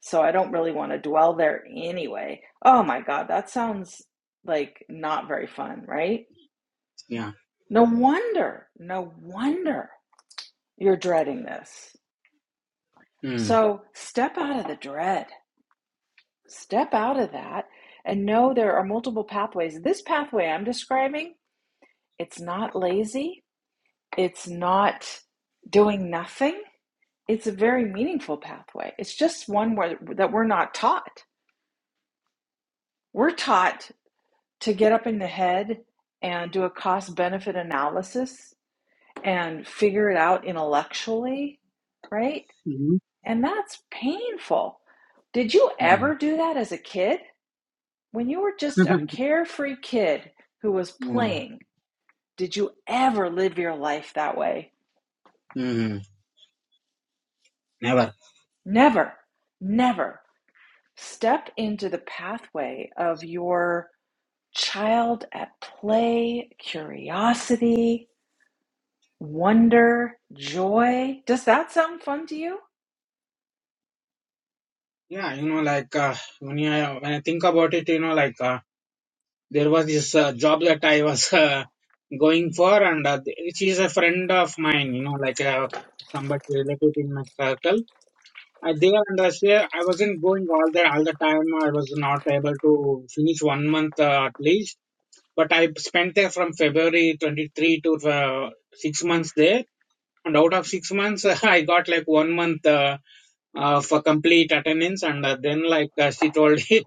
S1: So I don't really want to dwell there anyway. Oh my God, that sounds like not very fun, right?
S4: Yeah.
S1: No wonder, no wonder you're dreading this.
S4: Mm.
S1: So step out of the dread, step out of that, and know there are multiple pathways. This pathway I'm describing, it's not lazy, it's not doing nothing. It's a very meaningful pathway. It's just one where, that we're not taught. We're taught to get up in the head and do a cost benefit analysis and figure it out intellectually, right?
S4: Mm.
S1: And that's painful. Did you
S4: Mm.
S1: ever do that as a kid? When you were just a carefree kid who was
S4: mm.
S1: playing, did you ever live your life that way?
S4: Mm. Never.
S1: Never, never. Step into the pathway of your child at play, curiosity, wonder, joy. Does that sound fun to you?
S4: Yeah, you know, like uh, when I when I think about it, you know, like uh, there was this uh, job that I was uh, going for, and uh, which is a friend of mine. You know, like uh, somebody relative in my circle. Uh, there and uh, here, I wasn't going all the all the time. I was not able to finish one month uh, at least But I spent there from February 23 to uh, six months there. And out of six months, I got like one month uh, uh, for complete attendance. And uh, then, like uh, she told him,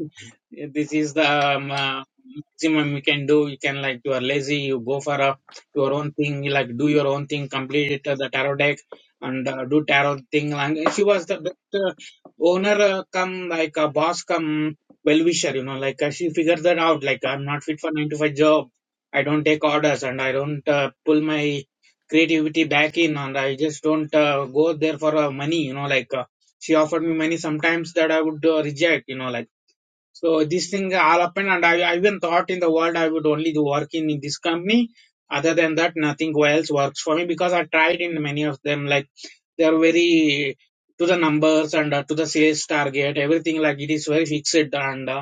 S4: this is the um, uh, maximum you can do. You can like you are lazy, you go for a, your own thing. You like do your own thing, complete it uh, the tarot deck, and uh, do tarot thing. And she was the best uh, owner, uh, come like a boss, come well wisher. You know, like uh, she figured that out. Like I'm not fit for nine to five job. I don't take orders, and I don't uh, pull my creativity back in and i just don't uh, go there for uh, money you know like uh, she offered me money sometimes that i would uh, reject you know like so this thing all happened and I, I even thought in the world i would only do work in, in this company other than that nothing else works for me because i tried in many of them like they are very to the numbers and uh, to the sales target everything like it is very fixed and uh,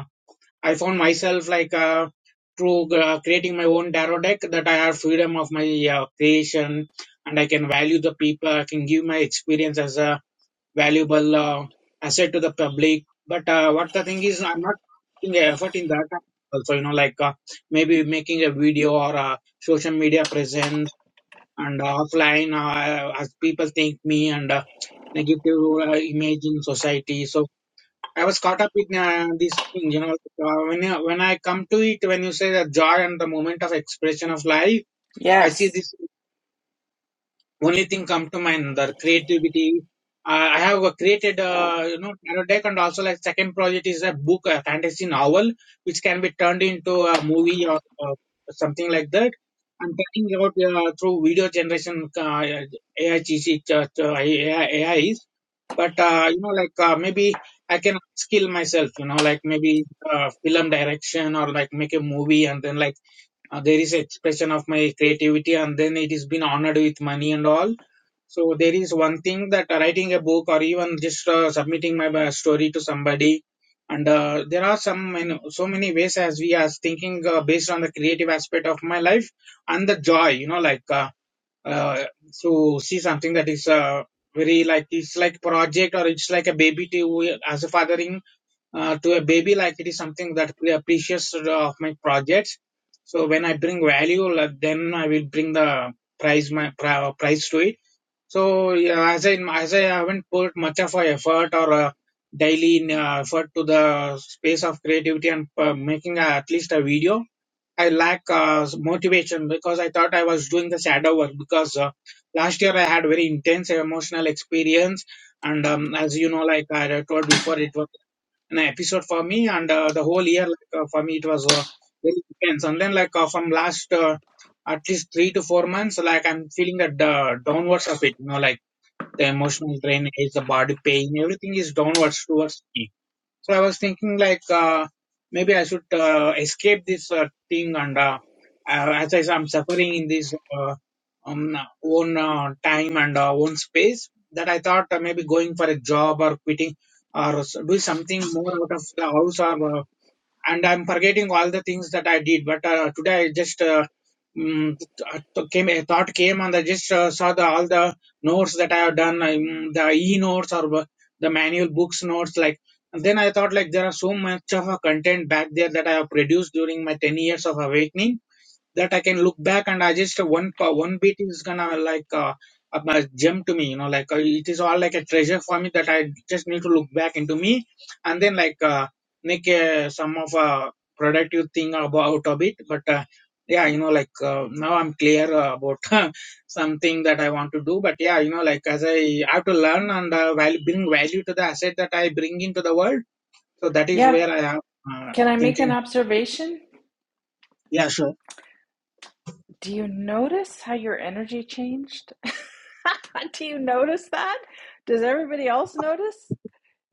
S4: I found myself like uh, through uh, creating my own tarot deck that I have freedom of my uh, creation and I can value the people. I can give my experience as a valuable uh, asset to the public. But uh, what the thing is, I'm not putting effort in that. Also, you know, like uh, maybe making a video or a social media presence and uh, offline, uh, as people think me and uh, negative uh, image in society. So I was caught up in uh, these things, you know. Uh, when you, when I come to it, when you say that joy and the moment of expression of life, I see
S1: Yes.
S4: this only thing come to mind the creativity uh, i have uh, created uh, you know tarot deck and also like second project is a book a fantasy novel which can be turned into a movie or uh, something like that i'm talking about uh, through video generation uh, ai gc uh, AI, ais but uh, you know like uh, maybe i can skill myself you know like maybe uh, film direction or like make a movie and then like uh, there is expression of my creativity and then it is been honored with money and all so there is one thing that uh, writing a book or even just uh, submitting my uh, story to somebody, and uh, there are some you know, so many ways as we are thinking uh, based on the creative aspect of my life and the joy, you know, like uh, uh, to see something that is uh, very like it's like project or it's like a baby to as a fathering uh, to a baby, like it is something that we appreciates uh, of my projects. So when I bring value, like, then I will bring the price my pri- prize to it so yeah, as I as I haven't put much of a effort or a daily in, uh, effort to the space of creativity and uh, making a, at least a video, I lack uh, motivation because I thought I was doing the shadow work because uh, last year I had very intense emotional experience and um, as you know, like I told before, it was an episode for me and uh, the whole year like, uh, for me it was uh, very intense. And then like uh, from last uh, at least three to four months, like I'm feeling the uh, downwards of it, you know, like the emotional drainage, the body pain, everything is downwards towards me. So I was thinking like uh, maybe I should uh, escape this uh, thing and uh, uh, as I, say, I'm suffering in this uh, um, own uh, time and uh, own space that I thought uh, maybe going for a job or quitting or s- doing something more out of the house or uh, and I'm forgetting all the things that I did. But uh, today I just uh, Mm, th- th- came, a thought came and I just uh, saw the, all the notes that I have done, um, the e-notes or wha- the manual books notes. Like, and then I thought like there are so much of a content back there that I have produced during my 10 years of awakening that I can look back and I just uh, one pa- one beat is gonna like uh, a gem to me, you know, like uh, it is all like a treasure for me that I just need to look back into me and then like uh, make uh, some of a productive thing about out of it. But uh, yeah, you know, like uh, now I'm clear uh, about something that I want to do. But yeah, you know, like as I have to learn and uh, val- bring value to the asset that I bring into the world. So that is
S1: Yeah.
S4: where I am uh,
S1: Can I make an
S4: thinking.
S1: observation?
S4: Yeah, sure.
S1: Do you notice how your energy changed? Do you notice that? Does everybody else notice?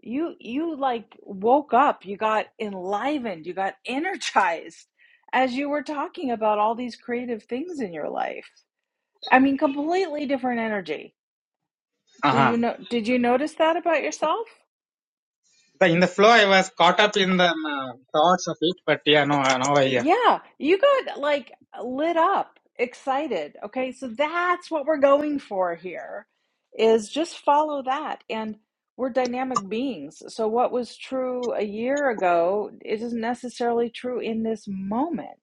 S1: You you like woke up, you got enlivened, you got energized as you were talking about all these creative things in your life. I mean, completely different energy. Do you know did you notice that about yourself?
S4: But in the flow, I was caught up in the um, uh, thoughts of it. But yeah, no, uh, now I yeah.
S1: Yeah, you got like lit up, excited. Okay, so that's what we're going for here is just follow that. And we're dynamic beings. So what was true a year ago is isn't necessarily true in this moment.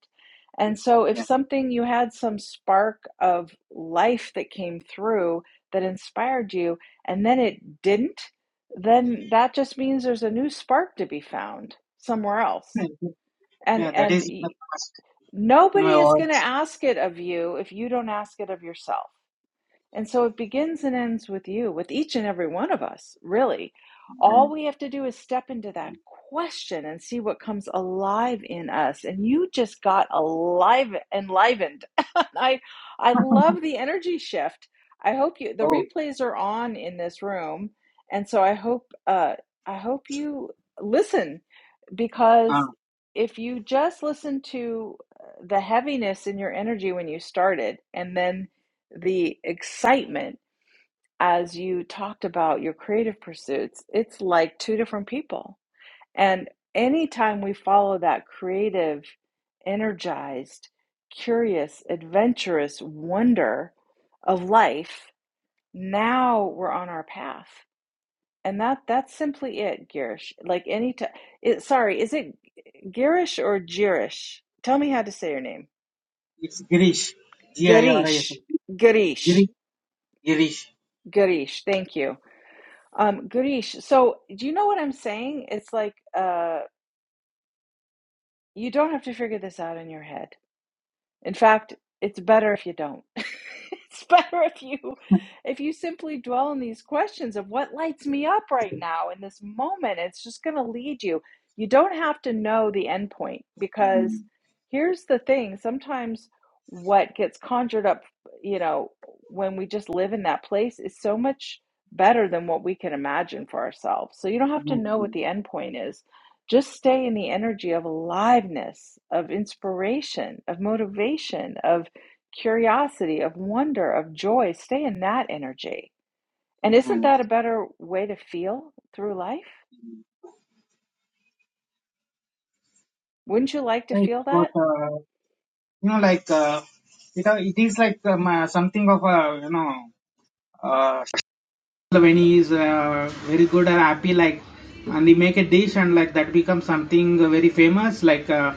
S1: And so if
S4: yeah,
S1: something you had some spark of life that came through that inspired you and then it didn't, then that just means there's a new spark to be found somewhere else and
S4: yeah, that
S1: and
S4: is in the past in
S1: Nobody
S4: my
S1: is going to
S4: works.
S1: ask it of you if you don't ask it of yourself. And so it begins and ends with you, with each and every one of us, really. All we have to do is step into that question and see what comes alive in us. And you just got alive enlivened. I I love the energy shift. I hope you the
S4: Oh,
S1: replays are on in this room. And so I hope uh I hope you listen because
S4: uh,
S1: if you just listen to uh, the heaviness in your energy when you started and then the excitement as you talked about your creative pursuits, it's like two different people. And anytime we follow that creative, energized, curious, adventurous wonder of life, now we're on our path. And that that's simply it, Girish. Like any time, sorry, is it Girish or Girish? Tell me how to say your name.
S4: it's Girish, G I R I S,
S1: Girish, Girish,
S4: Girish, Girish.
S1: Girish. Thank you, um, Girish. So do you know what I'm saying? It's like uh, you don't have to figure this out in your head. In fact, it's better if you don't. it's better if you if you simply dwell on these questions of what lights me up right now in this moment. It's just going to lead you. You don't have to know the end point because here's the thing, sometimes what gets conjured up, you know, when we just live in that place is so much better than what we can imagine for ourselves. So you don't have to
S4: Mm-hmm.
S1: know what the end point is just stay in the energy of aliveness, of inspiration, of motivation, of curiosity, of wonder, of joy. Stay in that energy. And isn't that a better way to feel through life? Wouldn't you like to
S4: Right,
S1: feel that?
S4: but uh, you know, like uh, it, uh, it is like um, uh, something of a you know, uh, when he is uh, very good and happy, like, and he make a dish and like that becomes something very famous, like. Uh,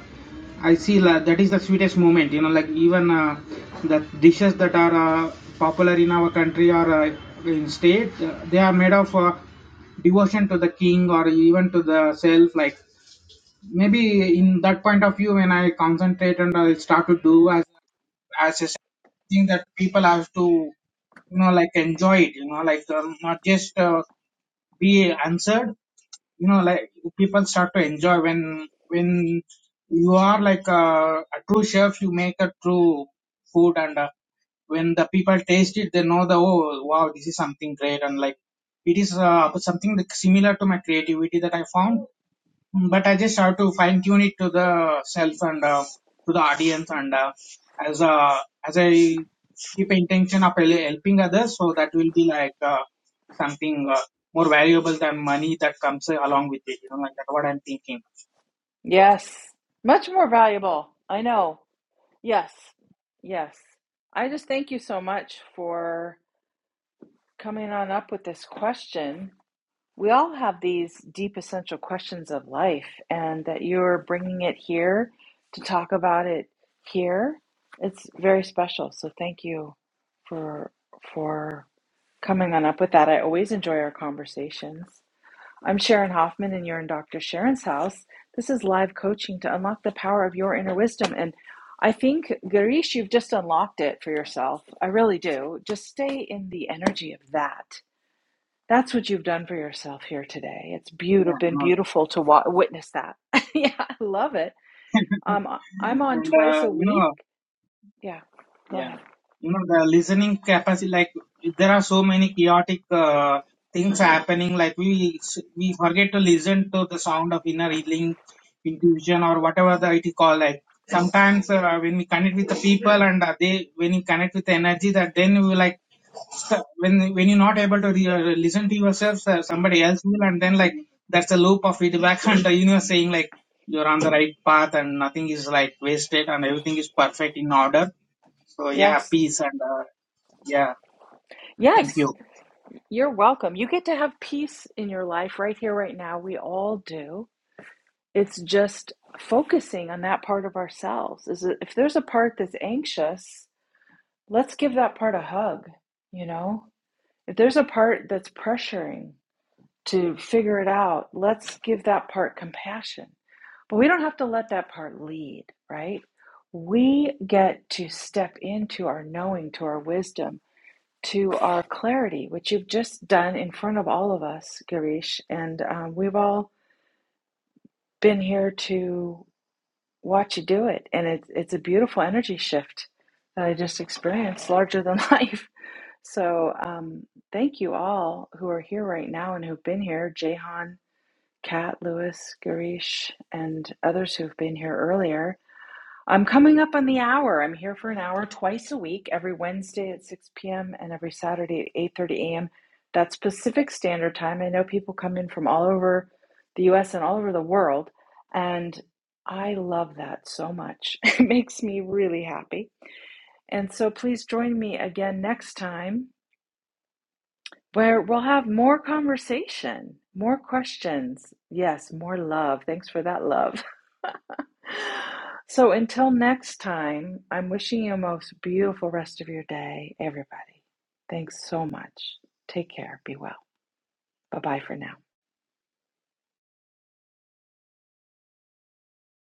S4: I see la that is the sweetest moment, you know, like even uh, the dishes that are uh, popular in our country or uh, in state, uh, they are made of uh, devotion to the king or even to the self. Like maybe in that point of view, when I concentrate and I start to do as as a thing that people have to, you know, like enjoy it, you know, like um, not just uh, be answered you know like people start to enjoy when when you are like a, a true chef you make a true food and uh, when the people taste it they know the oh wow this is something great and like it is uh, something that similar to my creativity that i found Mm, But I just have to fine tune it to the self and uh, to the audience and uh, as uh, as I keep intention of hel- helping others, so that will be like uh, something uh, more valuable than money that comes along with it. You know, like that. What I'm thinking.
S1: Yes. Much more valuable. I know. Yes. Yes. I just thank you so much for coming on up with this question We all have these deep essential questions of life, and that you're bringing it here to talk about it here, it's very special. So thank you for for coming on up with that. I always enjoy our conversations. I'm Sharon Hoffman, and you're in Dr. Sharon's house. This is live coaching to unlock the power of your inner wisdom. And I think, Garish, you've just unlocked it for yourself. I really do. Just stay in the energy of that that's what you've done for yourself here today. It's
S4: Yeah,
S1: beautiful,
S4: you
S1: been
S4: know, like,
S1: beautiful to wa- witness that. yeah, I love it. Um, I- am on
S4: and
S1: twice
S4: uh,
S1: a
S4: you
S1: week.
S4: know.
S1: Yeah, go
S4: yeah.
S1: ahead.
S4: you know the listening capacity like there are so many chaotic uh, things happening like we we forget to listen to the sound of inner healing intuition or whatever the it is called like sometimes uh, when we connect with the people and uh, they when you connect with the energy that then you like st- when when you're not able to re- uh, listen to yourself uh, somebody else will and then like that's a loop of feedback and the universe saying like you're on the right path and nothing is like wasted and everything is perfect in order so yeah
S1: Yes,
S4: peace and uh, yeah, thank you.
S1: yes, you're welcome. You get to have peace in your life right here, right now. We all do. It's just focusing on that part of ourselves. Is it- if there's a part that's anxious, let's give that part a hug. You know, if there's a part that's pressuring. to figure it out. Let's give that part compassion. But we don't have to let that part lead, right? We get to step into our knowing, to our wisdom, to our clarity, which you've just done in front of all of us, Girish. And um, we've all been here to watch you do it. And it's, it's a beautiful energy shift that I just experienced, larger than life. So um, thank you all who are here right now and who've been here. Jehan. Kat, Lewis, Garish, and others who've been here earlier. I'm coming up on the hour. I'm here for an hour twice a week, every Wednesday at 6 p.m. and every Saturday at 8:30 a.m. That's Pacific Standard Time. I know people come in from all over the U.S. and all over the world, and I love that so much. It makes me really happy. And so please join me again next time where we'll have more conversation, more questions. Yes, more love. Thanks for that love. So until next time, I'm wishing you a most beautiful rest of your day, everybody. Thanks so much. Take care. Be well. Bye bye for now.